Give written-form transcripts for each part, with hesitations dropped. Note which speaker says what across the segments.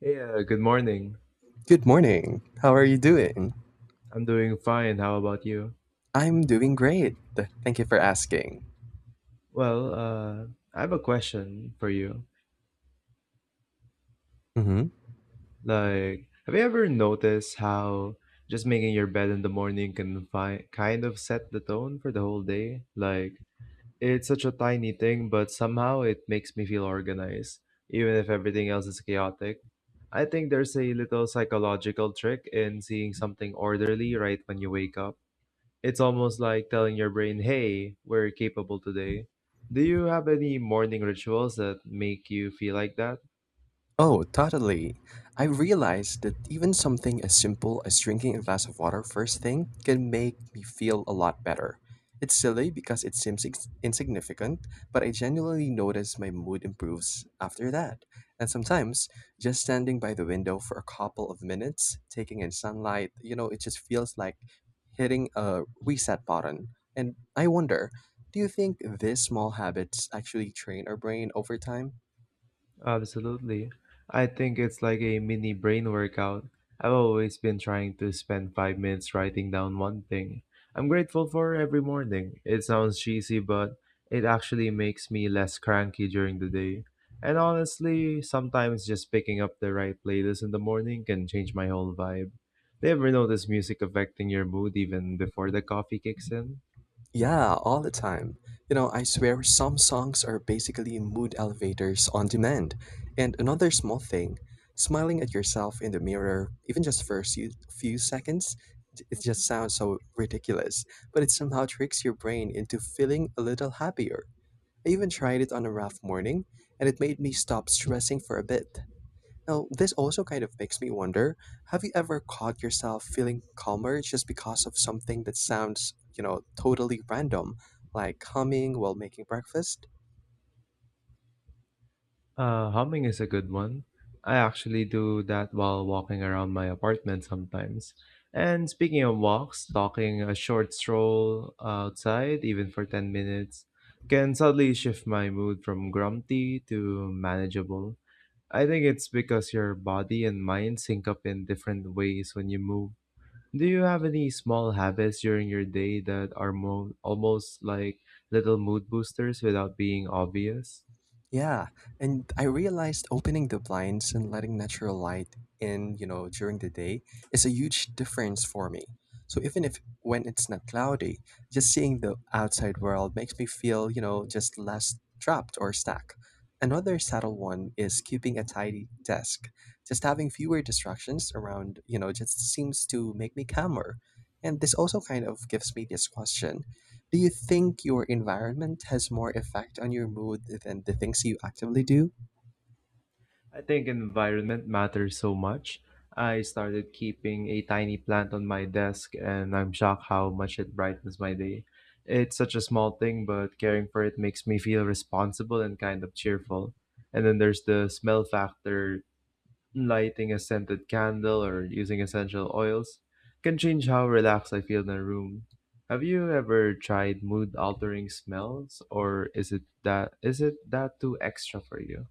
Speaker 1: Hey, good morning.
Speaker 2: Good morning. How are you doing?
Speaker 1: I'm doing fine. How about you?
Speaker 2: I'm doing great. Thank you for asking.
Speaker 1: Well, I have a question for you.
Speaker 2: hmm
Speaker 1: Like, have you ever noticed how just making your bed in the morning can kind of set the tone for the whole day? Like, it's such a tiny thing, but somehow it makes me feel organized, even if everything else is chaotic. I think there's a little psychological trick in seeing something orderly right when you wake up. It's almost like telling your brain, hey, we're capable today. Do you have any morning rituals that make you feel like that?
Speaker 2: Oh, totally. I realized that even something as simple as drinking a glass of water first thing can make me feel a lot better. It's silly because it seems insignificant, but I genuinely notice my mood improves after that. And sometimes, just standing by the window for a couple of minutes, taking in sunlight, it just feels like hitting a reset button. And I wonder, do you think these small habits actually train our brain over time?
Speaker 1: Absolutely. I think it's like a mini brain workout. I've always been trying to spend 5 minutes writing down one thing I'm grateful for every morning. It sounds cheesy, but it actually makes me less cranky during the day. And honestly, sometimes just picking up the right playlist in the morning can change my whole vibe. Do you ever notice music affecting your mood even before the coffee kicks in?
Speaker 2: Yeah, all the time. You know, I swear some songs are basically mood elevators on demand. And another small thing, smiling at yourself in the mirror, even just for a few seconds, it just sounds so ridiculous, but it somehow tricks your brain into feeling a little happier. I even tried it on a rough morning, and it made me stop stressing for a bit. Now, this also kind of makes me wonder, have you ever caught yourself feeling calmer just because of something that sounds, totally random, like humming while making breakfast?
Speaker 1: Humming is a good one. I actually do that while walking around my apartment sometimes. And speaking of walks, talking a short stroll outside, even for 10 minutes, can suddenly shift my mood from grumpy to manageable. I think it's because your body and mind sync up in different ways when you move. Do you have any small habits during your day that are almost like little mood boosters without being obvious?
Speaker 2: Yeah, and I realized opening the blinds and letting natural light in, during the day is a huge difference for me. So even if when it's not cloudy, just seeing the outside world makes me feel, just less trapped or stuck. Another subtle one is keeping a tidy desk. Just having fewer distractions around, just seems to make me calmer. And this also kind of gives me this question. Do you think your environment has more effect on your mood than the things you actively do?
Speaker 1: I think environment matters so much. I started keeping a tiny plant on my desk, and I'm shocked how much it brightens my day. It's such a small thing, but caring for it makes me feel responsible and kind of cheerful. And then there's the smell factor, lighting a scented candle or using essential oils can change how relaxed I feel in a room. Have you ever tried mood altering smells, or is it that too extra for you?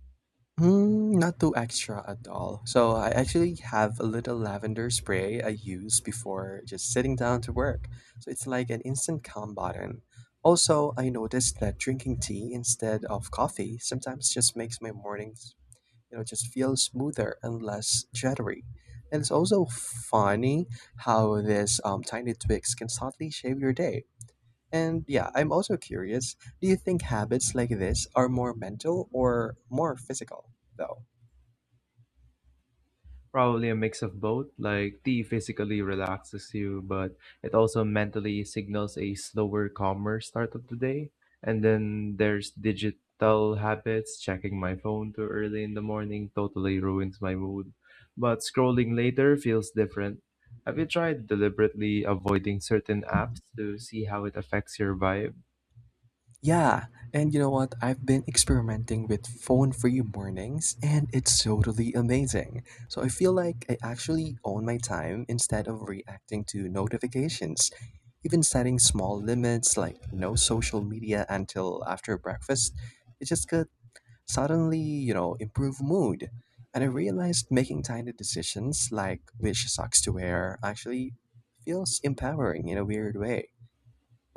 Speaker 2: Mm, not too extra at all. So I actually have a little lavender spray I use before just sitting down to work. So it's like an instant calm button. Also, I noticed that drinking tea instead of coffee sometimes just makes my mornings, just feel smoother and less jittery. And it's also funny how these tiny tweaks can subtly shape your day. And yeah, I'm also curious, do you think habits like this are more mental or more physical, though?
Speaker 1: Probably a mix of both. Like tea physically relaxes you, but it also mentally signals a slower, calmer start of the day. And then there's digital habits. Checking my phone too early in the morning totally ruins my mood. But scrolling later feels different. Have you tried deliberately avoiding certain apps to see how it affects your vibe?
Speaker 2: Yeah, and you know what? I've been experimenting with phone free mornings and it's totally amazing. So I feel like I actually own my time instead of reacting to notifications. Even setting small limits like no social media until after breakfast, it just could suddenly, improve mood. And I realized making tiny decisions like which socks to wear actually feels empowering in a weird way.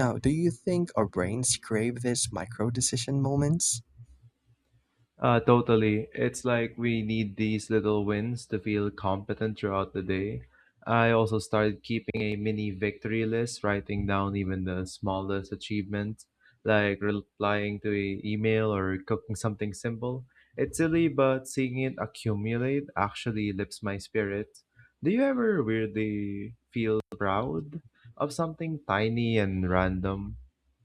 Speaker 2: Now, do you think our brains crave these micro-decision moments?
Speaker 1: Totally. It's like we need these little wins to feel competent throughout the day. I also started keeping a mini victory list, writing down even the smallest achievements, like replying to a email or cooking something simple. It's silly, but seeing it accumulate actually lifts my spirits. Do you ever weirdly feel proud of something tiny and random?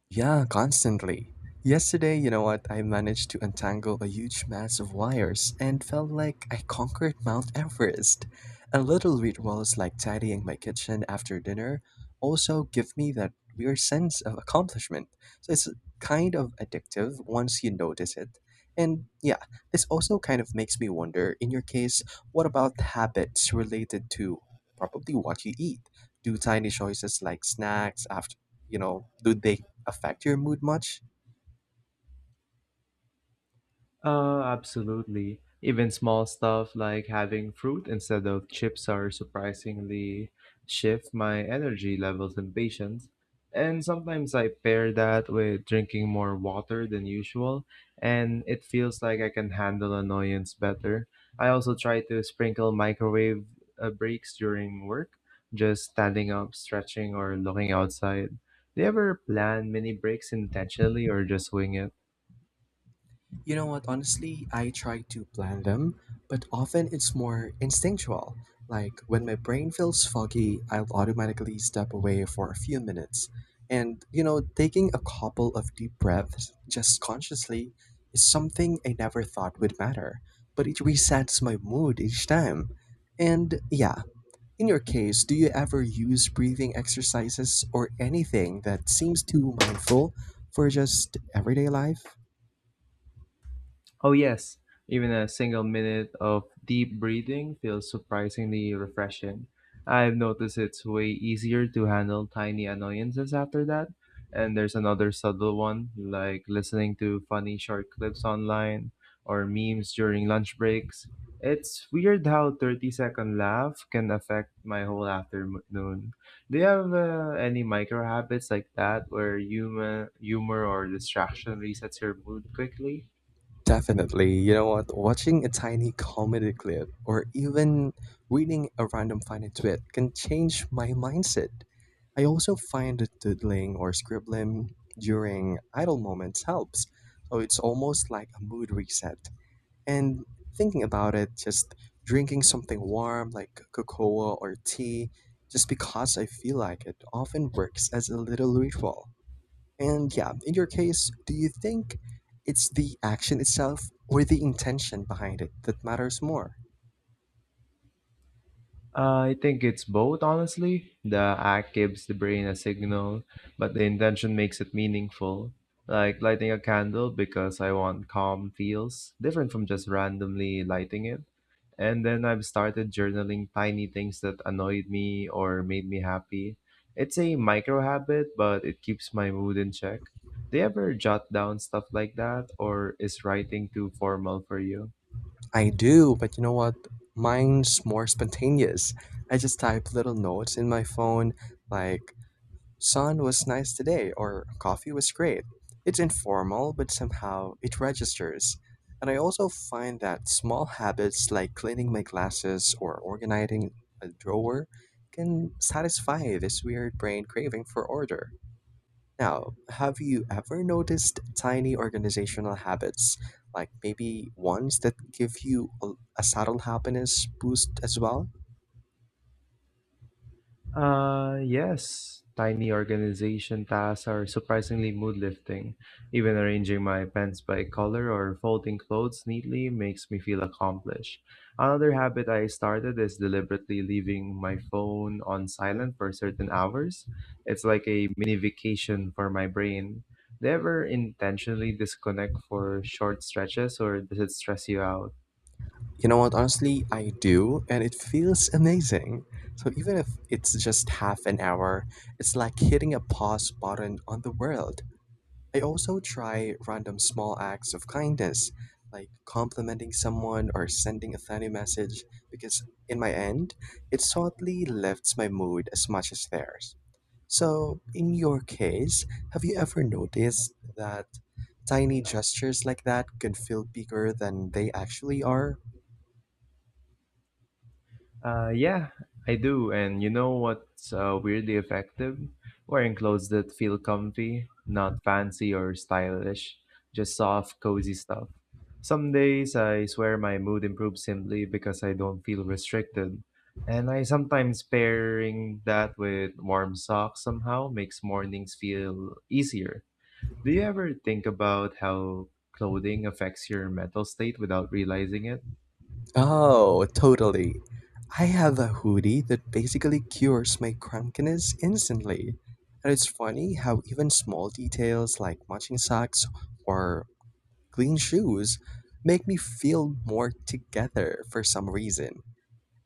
Speaker 2: Yeah, constantly. Yesterday, you know what? I managed to untangle a huge mass of wires and felt like I conquered Mount Everest. And little rituals like tidying my kitchen after dinner also give me that weird sense of accomplishment. So it's kind of addictive once you notice it. And yeah, this also kind of makes me wonder, in your case, what about habits related to probably what you eat? Do tiny choices like snacks after, do they affect your mood much?
Speaker 1: Absolutely. Even small stuff like having fruit instead of chips are surprisingly shift my energy levels and patience. And sometimes I pair that with drinking more water than usual, and it feels like I can handle annoyance better. I also try to sprinkle microwave breaks during work, just standing up, stretching, or looking outside. Do you ever plan mini breaks intentionally or just wing it?
Speaker 2: You know what, honestly, I try to plan them, but often it's more instinctual. Like when my brain feels foggy, I'll automatically step away for a few minutes. And, you know, taking a couple of deep breaths just consciously is something I never thought would matter, but it resets my mood each time. And yeah, in your case, do you ever use breathing exercises or anything that seems too mindful for just everyday life?
Speaker 1: Oh, yes, even a single minute of deep breathing feels surprisingly refreshing. I've noticed it's way easier to handle tiny annoyances after that. And there's another subtle one, like listening to funny short clips online or memes during lunch breaks. It's weird how 30-second laugh can affect my whole afternoon. Do you have any micro habits like that where humor or distraction resets your mood quickly?
Speaker 2: Definitely. You know what? Watching a tiny comedy clip or even reading a random funny tweet can change my mindset. I also find that doodling or scribbling during idle moments helps. So it's almost like a mood reset. And thinking about it, just drinking something warm like cocoa or tea just because I feel like it often works as a little ritual. And yeah, in your case, do you think it's the action itself or the intention behind it that matters more?
Speaker 1: I think it's both, honestly. The act gives the brain a signal, but the intention makes it meaningful. Like lighting a candle because I want calm feels, different from just randomly lighting it. And then I've started journaling tiny things that annoyed me or made me happy. It's a micro habit, but it keeps my mood in check. Do you ever jot down stuff like that, or is writing too formal for you?
Speaker 2: I do, but you know what? Mine's more spontaneous. I just type little notes in my phone like, sun was nice today or coffee was great. It's informal, but somehow it registers. And I also find that small habits like cleaning my glasses or organizing a drawer can satisfy this weird brain craving for order. Now, have you ever noticed tiny organizational habits, like maybe ones that give you a subtle happiness boost as well?
Speaker 1: Yes. Tiny organization tasks are surprisingly mood lifting. Even arranging my pens by color or folding clothes neatly makes me feel accomplished. Another habit I started is deliberately leaving my phone on silent for certain hours. It's like a mini vacation for my brain. Do you ever intentionally disconnect for short stretches or does it stress you out?
Speaker 2: You know what, honestly, I do, and it feels amazing. So even if it's just half an hour, it's like hitting a pause button on the world. I also try random small acts of kindness, like complimenting someone or sending a funny message, because in my end, it subtly lifts my mood as much as theirs. So, in your case, have you ever noticed that tiny gestures like that can feel bigger than they actually are?
Speaker 1: Yeah, I do. And you know what's weirdly effective? Wearing clothes that feel comfy, not fancy or stylish, just soft, cozy stuff. Some days I swear my mood improves simply because I don't feel restricted. And I sometimes pairing that with warm socks somehow makes mornings feel easier. Do you ever think about how clothing affects your mental state without realizing it?
Speaker 2: Oh, totally. I have a hoodie that basically cures my crankiness instantly. And it's funny how even small details like matching socks or clean shoes make me feel more together for some reason.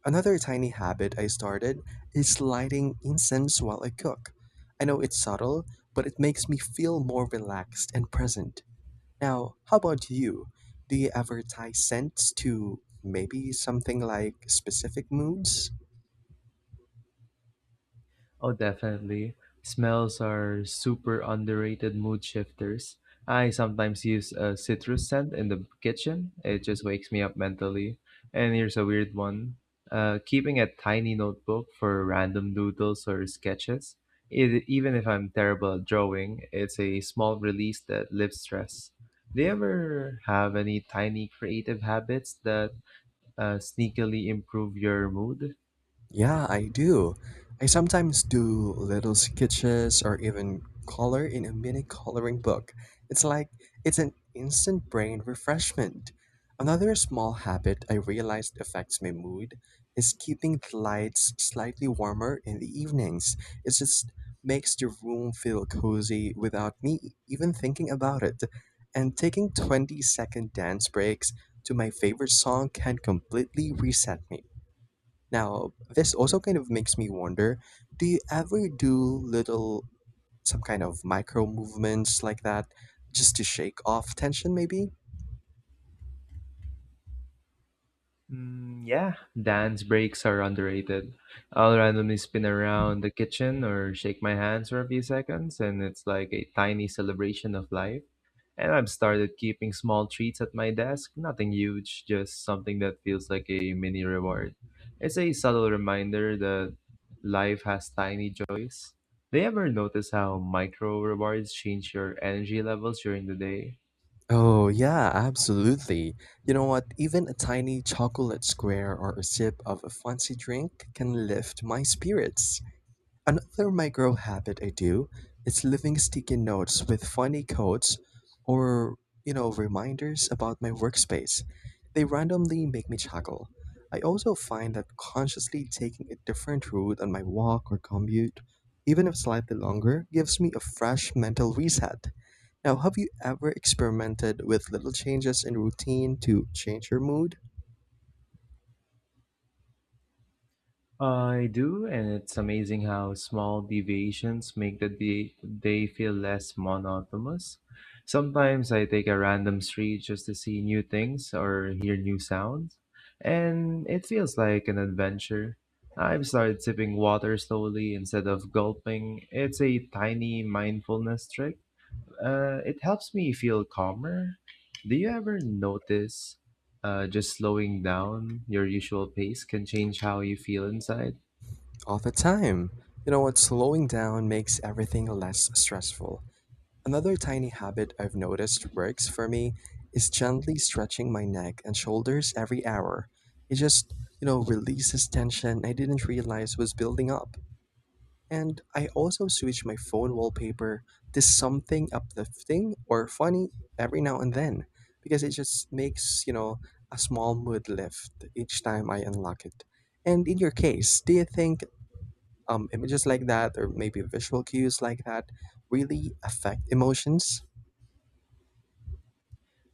Speaker 2: Another tiny habit I started is lighting incense while I cook. I know it's subtle, but it makes me feel more relaxed and present. Now, how about you? Do you ever tie scents to maybe something like specific moods?
Speaker 1: Oh, definitely. Smells are super underrated mood shifters. I sometimes use a citrus scent in the kitchen. It just wakes me up mentally. And here's a weird one. Keeping a tiny notebook for random doodles or sketches. It, even if I'm terrible at drawing, it's a small release that lifts stress. Do you ever have any tiny creative habits that sneakily improve your mood?
Speaker 2: Yeah, I do. I sometimes do little sketches or even color in a mini coloring book. It's like it's an instant brain refreshment. Another small habit I realized affects my mood is keeping the lights slightly warmer in the evenings. It just makes the room feel cozy without me even thinking about it. And taking 20-second dance breaks to my favorite song can completely reset me. Now, this also kind of makes me wonder, do you ever do little, some kind of micro movements like that just to shake off tension maybe?
Speaker 1: Yeah, dance breaks are underrated. I'll randomly spin around the kitchen or shake my hands for a few seconds, and it's like a tiny celebration of life. And I've started keeping small treats at my desk, nothing huge, just something that feels like a mini reward. It's a subtle reminder that life has tiny joys. Do you ever notice how micro rewards change your energy levels during the day?
Speaker 2: Oh, yeah, absolutely. You know what? Even a tiny chocolate square or a sip of a fancy drink can lift my spirits. Another micro habit I do is leaving sticky notes with funny quotes or, reminders about my workspace. They randomly make me chuckle. I also find that consciously taking a different route on my walk or commute, even if slightly longer, gives me a fresh mental reset. Now, have you ever experimented with little changes in routine to change your mood?
Speaker 1: I do, and it's amazing how small deviations make day feel less monotonous. Sometimes I take a random street just to see new things or hear new sounds, and it feels like an adventure. I've started sipping water slowly instead of gulping. It's a tiny mindfulness trick. It helps me feel calmer. Do you ever notice just slowing down your usual pace can change how you feel inside?
Speaker 2: All the time. You know what? Slowing down makes everything less stressful. Another tiny habit I've noticed works for me is gently stretching my neck and shoulders every hour. It just, releases tension I didn't realize was building up. And I also switch my phone wallpaper to something uplifting or funny every now and then because it just makes, a small mood lift each time I unlock it. And in your case, do you think images like that or maybe visual cues like that really affect emotions?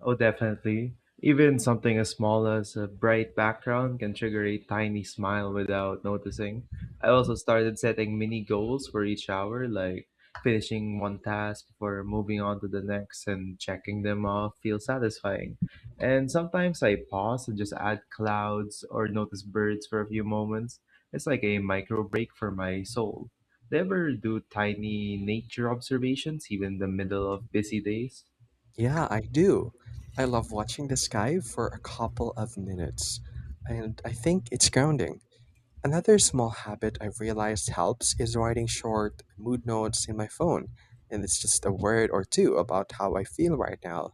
Speaker 1: Oh, definitely. Even something as small as a bright background can trigger a tiny smile without noticing. I also started setting mini goals for each hour, like finishing one task before moving on to the next and checking them off feels satisfying. And sometimes I pause and just add clouds or notice birds for a few moments. It's like a micro break for my soul. Do you ever do tiny nature observations, even in the middle of busy days?
Speaker 2: Yeah, I do. I love watching the sky for a couple of minutes, and I think it's grounding. Another small habit I've realized helps is writing short mood notes in my phone, and it's just a word or two about how I feel right now.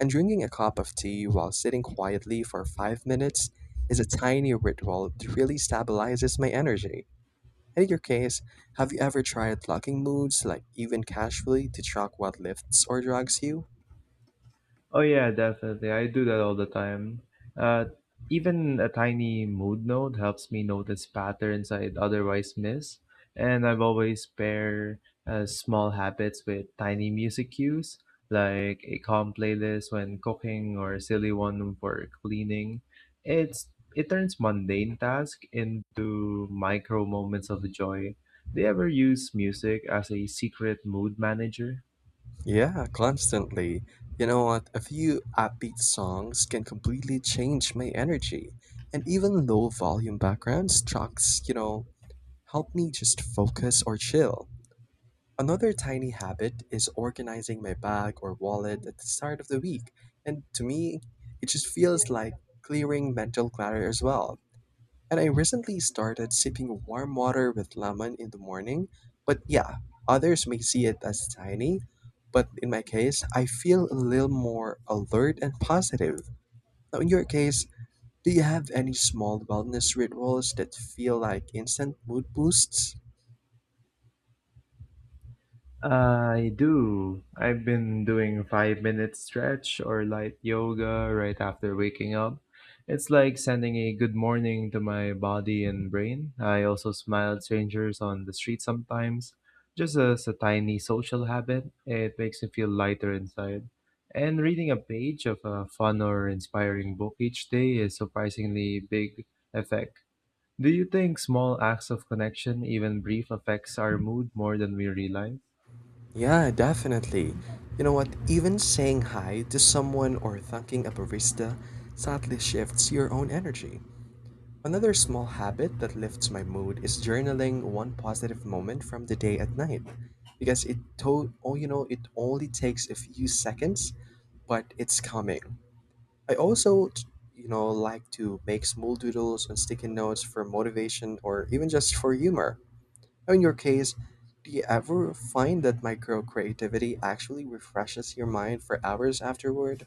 Speaker 2: And drinking a cup of tea while sitting quietly for 5 minutes is a tiny ritual that really stabilizes my energy. In your case, have you ever tried locking moods, like even casually, to track what lifts or drags you?
Speaker 1: Oh yeah, definitely. I do that all the time. Uh, Even a tiny mood note helps me notice patterns I'd otherwise miss. And I've always pair small habits with tiny music cues, like a calm playlist when cooking or a silly one for cleaning. It's it turns mundane tasks into micro moments of joy. Do you ever use music as a secret mood manager?
Speaker 2: Yeah, constantly. You know what? A few upbeat songs can completely change my energy. And even low volume backgrounds tracks, help me just focus or chill. Another tiny habit is organizing my bag or wallet at the start of the week. And to me, it just feels like clearing mental clutter as well. And I recently started sipping warm water with lemon in the morning. But yeah, others may see it as tiny. But in my case, I feel a little more alert and positive. Now, in your case, do you have any small wellness rituals that feel like instant mood boosts?
Speaker 1: I do. I've been doing 5 minute stretch or light yoga right after waking up. It's like sending a good morning to my body and brain. I also smile at strangers on the street sometimes. Just as a tiny social habit, it makes me feel lighter inside. And reading a page of a fun or inspiring book each day is surprisingly big effect. Do you think small acts of connection, even brief, affects our mood more than we realize?
Speaker 2: Yeah, definitely. You know what? Even saying hi to someone or thanking a barista subtly shifts your own energy. Another small habit that lifts my mood is journaling one positive moment from the day at night because oh, it only takes a few seconds, but it's coming. I also, like to make small doodles on sticky notes for motivation or even just for humor. In your case, do you ever find that micro creativity actually refreshes your mind for hours afterward?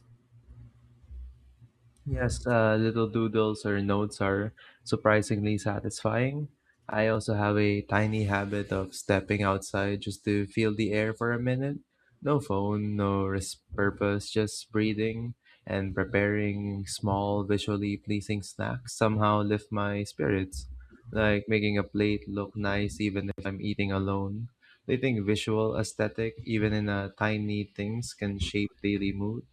Speaker 1: Yes, little doodles or notes are surprisingly satisfying. I also have a tiny habit of stepping outside just to feel the air for a minute. No phone, no purpose, just breathing and preparing small, visually pleasing snacks somehow lift my spirits. Like making a plate look nice even if I'm eating alone. They think visual aesthetic, even in a tiny things, can shape daily mood.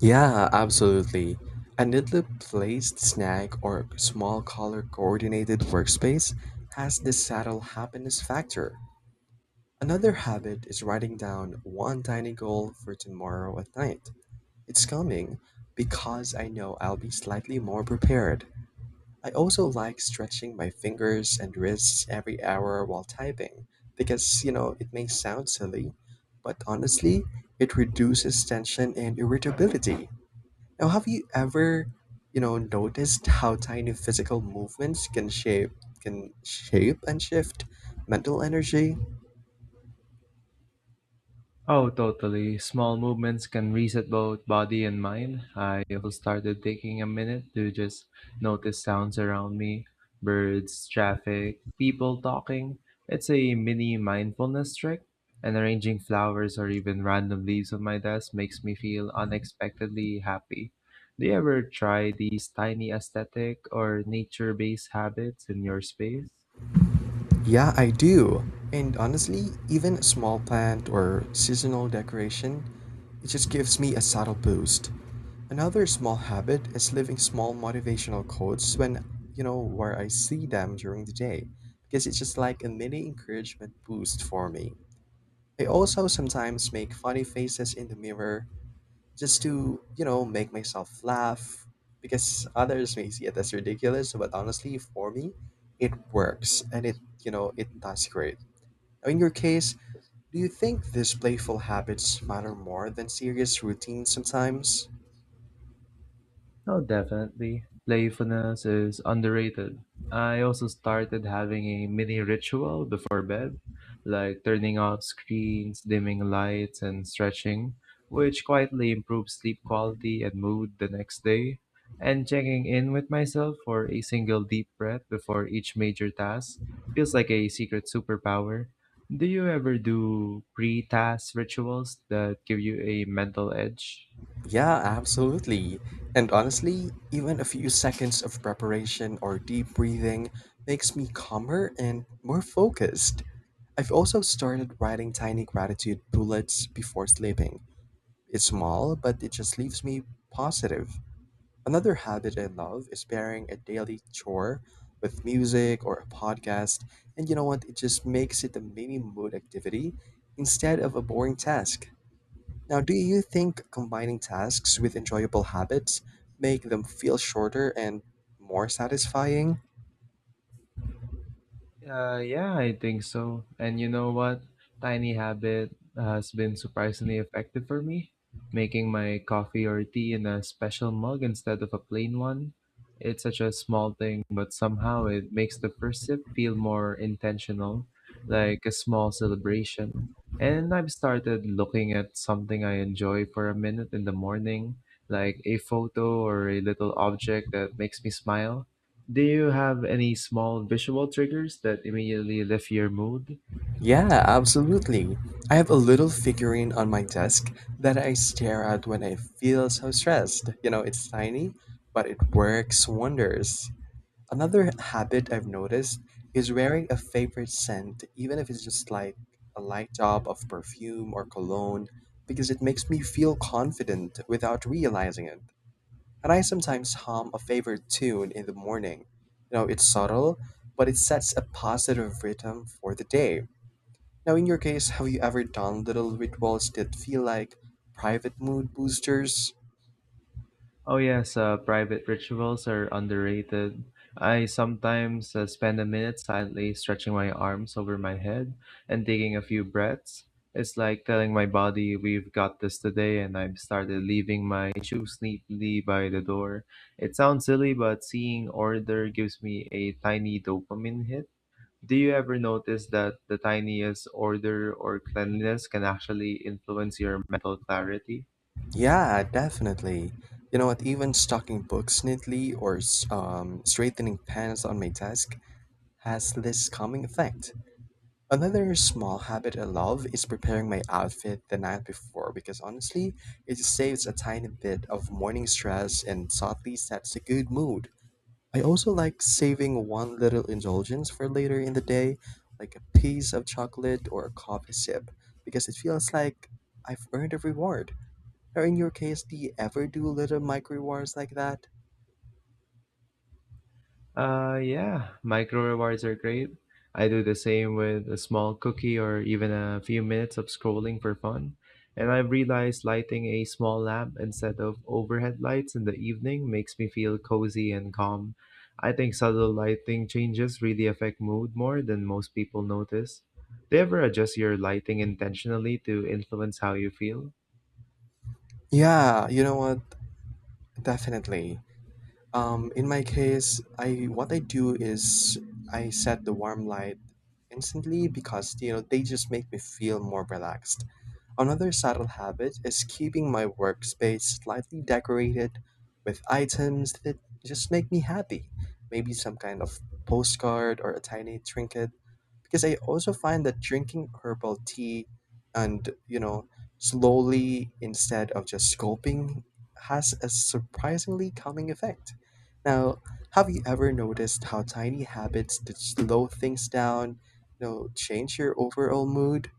Speaker 2: Yeah, absolutely. A neatly placed snack or small color coordinated workspace has this subtle happiness factor. Another habit is writing down one tiny goal for tomorrow at night. It's coming because I know I'll be slightly more prepared. I also like stretching my fingers and wrists every hour while typing because, it may sound silly, but honestly, it reduces tension and irritability. Now, have you ever, noticed how tiny physical movements can shape and shift mental energy?
Speaker 1: Oh, totally. Small movements can reset both body and mind. I also started taking a minute to just notice sounds around me, birds, traffic, people talking. It's a mini mindfulness trick. And arranging flowers or even random leaves on my desk makes me feel unexpectedly happy. Do you ever try these tiny aesthetic or nature based habits in your space?
Speaker 2: Yeah, I do. And honestly, even a small plant or seasonal decoration, it just gives me a subtle boost. Another small habit is leaving small motivational quotes when, where I see them during the day, because it's just like a mini encouragement boost for me. I also sometimes make funny faces in the mirror just to, make myself laugh because others may see it as ridiculous, but honestly, for me, it works and it it does great. Now, in your case, do you think these playful habits matter more than serious routines sometimes?
Speaker 1: Oh, definitely. Playfulness is underrated. I also started having a mini ritual before bed, like turning off screens, dimming lights, and stretching, which quietly improves sleep quality and mood the next day. And checking in with myself for a single deep breath before each major task feels like a secret superpower. Do you ever do pre task rituals that give you a mental edge?
Speaker 2: Yeah, absolutely. And honestly, even a few seconds of preparation or deep breathing makes me calmer and more focused. I've also started writing tiny gratitude bullets before sleeping. It's small, but it just leaves me positive. Another habit I love is pairing a daily chore with music or a podcast. And you know what? It just makes it a maybe mood activity instead of a boring task. Now, do you think combining tasks with enjoyable habits make them feel shorter and more satisfying?
Speaker 1: Yeah, I think so. And you know what? Tiny habit has been surprisingly effective for me. Making my coffee or tea in a special mug instead of a plain one. It's such a small thing, but somehow it makes the first sip feel more intentional, like a small celebration. And I've started looking at something I enjoy for a minute in the morning, like a photo or a little object that makes me smile. Do you have any small visual triggers that immediately lift your mood?
Speaker 2: Yeah, absolutely. I have a little figurine on my desk that I stare at when I feel so stressed. You know, it's tiny, but it works wonders. Another habit I've noticed is wearing a favorite scent, even if it's just like a light drop of perfume or cologne, because it makes me feel confident without realizing it. And I sometimes hum a favorite tune in the morning. You know, it's subtle, but it sets a positive rhythm for the day. Now, in your case, have you ever done little rituals that feel like private mood boosters?
Speaker 1: Oh yes, private rituals are underrated. I sometimes spend a minute silently stretching my arms over my head and taking a few breaths. It's like telling my body we've got this today, and I've started leaving my shoes neatly by the door. It sounds silly, but seeing order gives me a tiny dopamine hit. Do you ever notice that the tiniest order or cleanliness can actually influence your mental clarity?
Speaker 2: Yeah, definitely. You know what? Even stocking books neatly or straightening pens on my desk has this calming effect. Another small habit I love is preparing my outfit the night before because honestly, it saves a tiny bit of morning stress and subtly sets a good mood. I also like saving one little indulgence for later in the day, like a piece of chocolate or a coffee sip, because it feels like I've earned a reward. Or in your case, do you ever do little micro rewards like that?
Speaker 1: Yeah, micro rewards are great. I do the same with a small cookie or even a few minutes of scrolling for fun. And I've realized lighting a small lamp instead of overhead lights in the evening makes me feel cozy and calm. I think subtle lighting changes really affect mood more than most people notice. Do you ever adjust your lighting intentionally to influence how you feel?
Speaker 2: Yeah, you know what? Definitely. In my case, I what I do is I set the warm light instantly because you know they just make me feel more relaxed. Another subtle habit is keeping my workspace slightly decorated with items that just make me happy. Maybe some kind of postcard or a tiny trinket. Because I also find that drinking herbal tea and, you know, slowly instead of just gulping has a surprisingly calming effect. Now, have you ever noticed how tiny habits that slow things down, change your overall mood?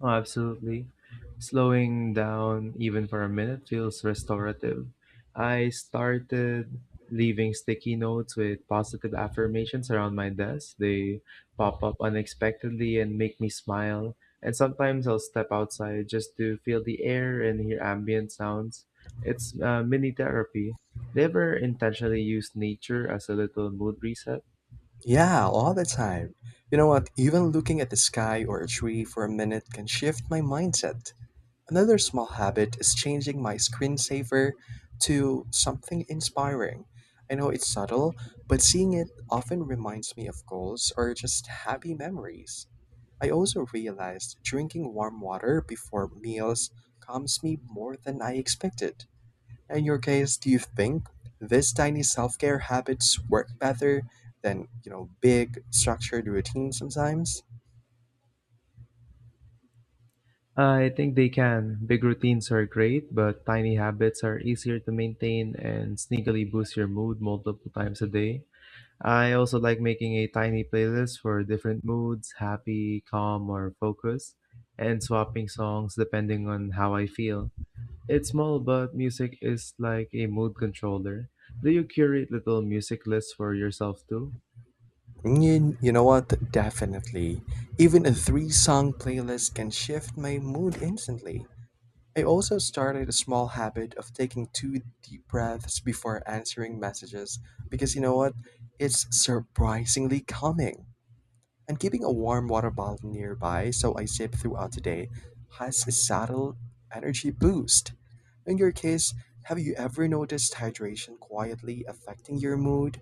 Speaker 1: Oh, absolutely. Slowing down, even for a minute, feels restorative. I started leaving sticky notes with positive affirmations around my desk. They pop up unexpectedly and make me smile. And sometimes I'll step outside just to feel the air and hear ambient sounds. It's mini therapy. They ever intentionally use nature as a little mood reset?
Speaker 2: Yeah, all the time. You know what? Even looking at the sky or a tree for a minute can shift my mindset. Another small habit is changing my screensaver to something inspiring. I know it's subtle, but seeing it often reminds me of goals or just happy memories. I also realized drinking warm water before meals calms me more than I expected. In your case, do you think this tiny self care habits work better than, big structured routines sometimes?
Speaker 1: I think they can. Big routines are great, but tiny habits are easier to maintain and sneakily boost your mood multiple times a day. I also like making a tiny playlist for different moods, happy, calm, or focused, and swapping songs depending on how I feel. It's small, but music is like a mood controller. Do you curate little music lists for yourself too?
Speaker 2: You know what? Definitely. Even a three song playlist can shift my mood instantly. I also started a small habit of taking two deep breaths before answering messages because you know what? It's surprisingly calming. And keeping a warm water bottle nearby so I sip throughout the day has a subtle energy boost. In your case, have you ever noticed hydration quietly affecting your mood?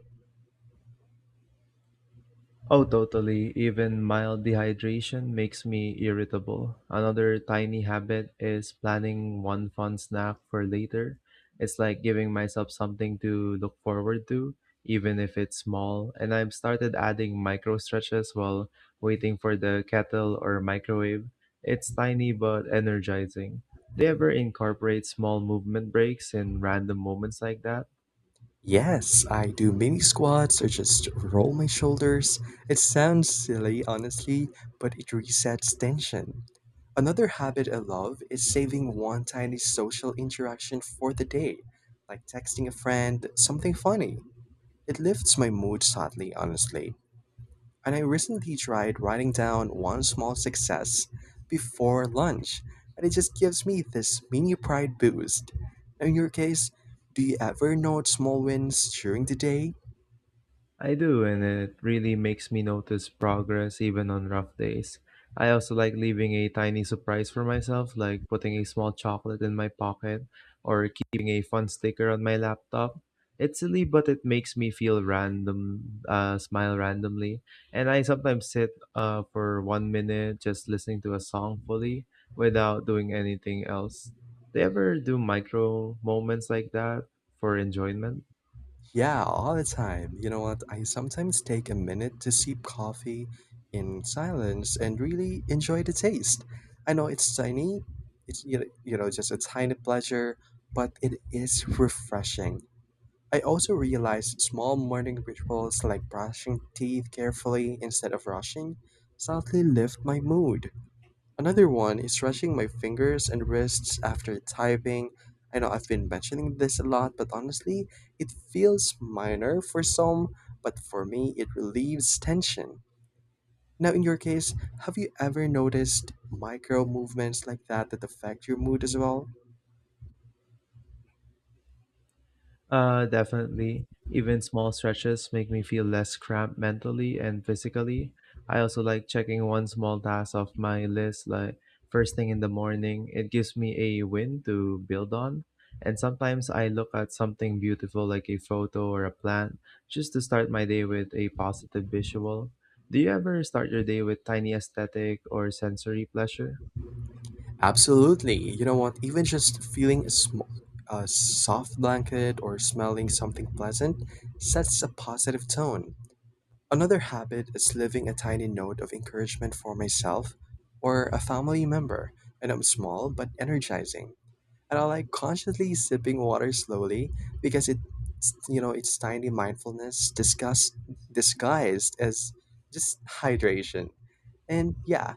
Speaker 1: Oh, totally. Even mild dehydration makes me irritable. Another tiny habit is planning one fun snack for later. It's like giving myself something to look forward to, even if it's small. And I've started adding micro stretches while waiting for the kettle or microwave. It's tiny but energizing. Do you ever incorporate small movement breaks in random moments like that?
Speaker 2: Yes, I do mini squats or just roll my shoulders. It sounds silly, honestly, but it resets tension. Another habit I love is saving one tiny social interaction for the day, like texting a friend something funny. It lifts my mood subtly, honestly. And I recently tried writing down one small success before lunch, and it just gives me this mini pride boost. In your case, do you ever note small wins during the day?
Speaker 1: I do, and it really makes me notice progress even on rough days. I also like leaving a tiny surprise for myself, like putting a small chocolate in my pocket or keeping a fun sticker on my laptop. It's silly, but it makes me feel random, smile randomly. And I sometimes sit for 1 minute just listening to a song fully without doing anything else. Do you ever do micro moments like that for enjoyment?
Speaker 2: Yeah, all the time. You know what? I sometimes take a minute to sip coffee in silence and really enjoy the taste. I know it's tiny, it's you know just a tiny pleasure, but it is refreshing. I also realized small morning rituals like brushing teeth carefully instead of rushing subtly lift my mood. Another one is stretching my fingers and wrists after typing. I know I've been mentioning this a lot, but honestly, it feels minor for some, but for me, it relieves tension. Now, in your case, have you ever noticed micro movements like that affect your mood as well?
Speaker 1: Definitely. Even small stretches make me feel less cramped mentally and physically. I also like checking one small task off my list, like first thing in the morning. It gives me a win to build on. And sometimes I look at something beautiful like a photo or a plant just to start my day with a positive visual. Do you ever start your day with tiny aesthetic or sensory pleasure?
Speaker 2: Absolutely. You know what? Even just feeling a soft blanket or smelling something pleasant sets a positive tone. Another habit is leaving a tiny note of encouragement for myself or a family member, and I'm small but energizing. And I like consciously sipping water slowly because it's tiny mindfulness disguised as just hydration. And yeah,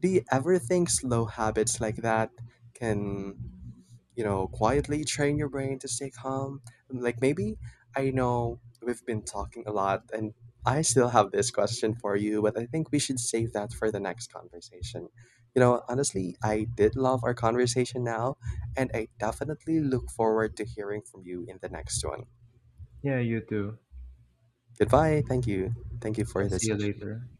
Speaker 2: do you ever think slow habits like that can, quietly train your brain to stay calm? Like maybe I know we've been talking a lot and I still have this question for you, but I think we should save that for the next conversation. You know, honestly, I did love our conversation now, and I definitely look forward to hearing from you in the next one.
Speaker 1: Yeah, you too.
Speaker 2: Goodbye. Thank you. Thank you for
Speaker 1: Yeah,
Speaker 2: this
Speaker 1: see you
Speaker 2: session.
Speaker 1: later.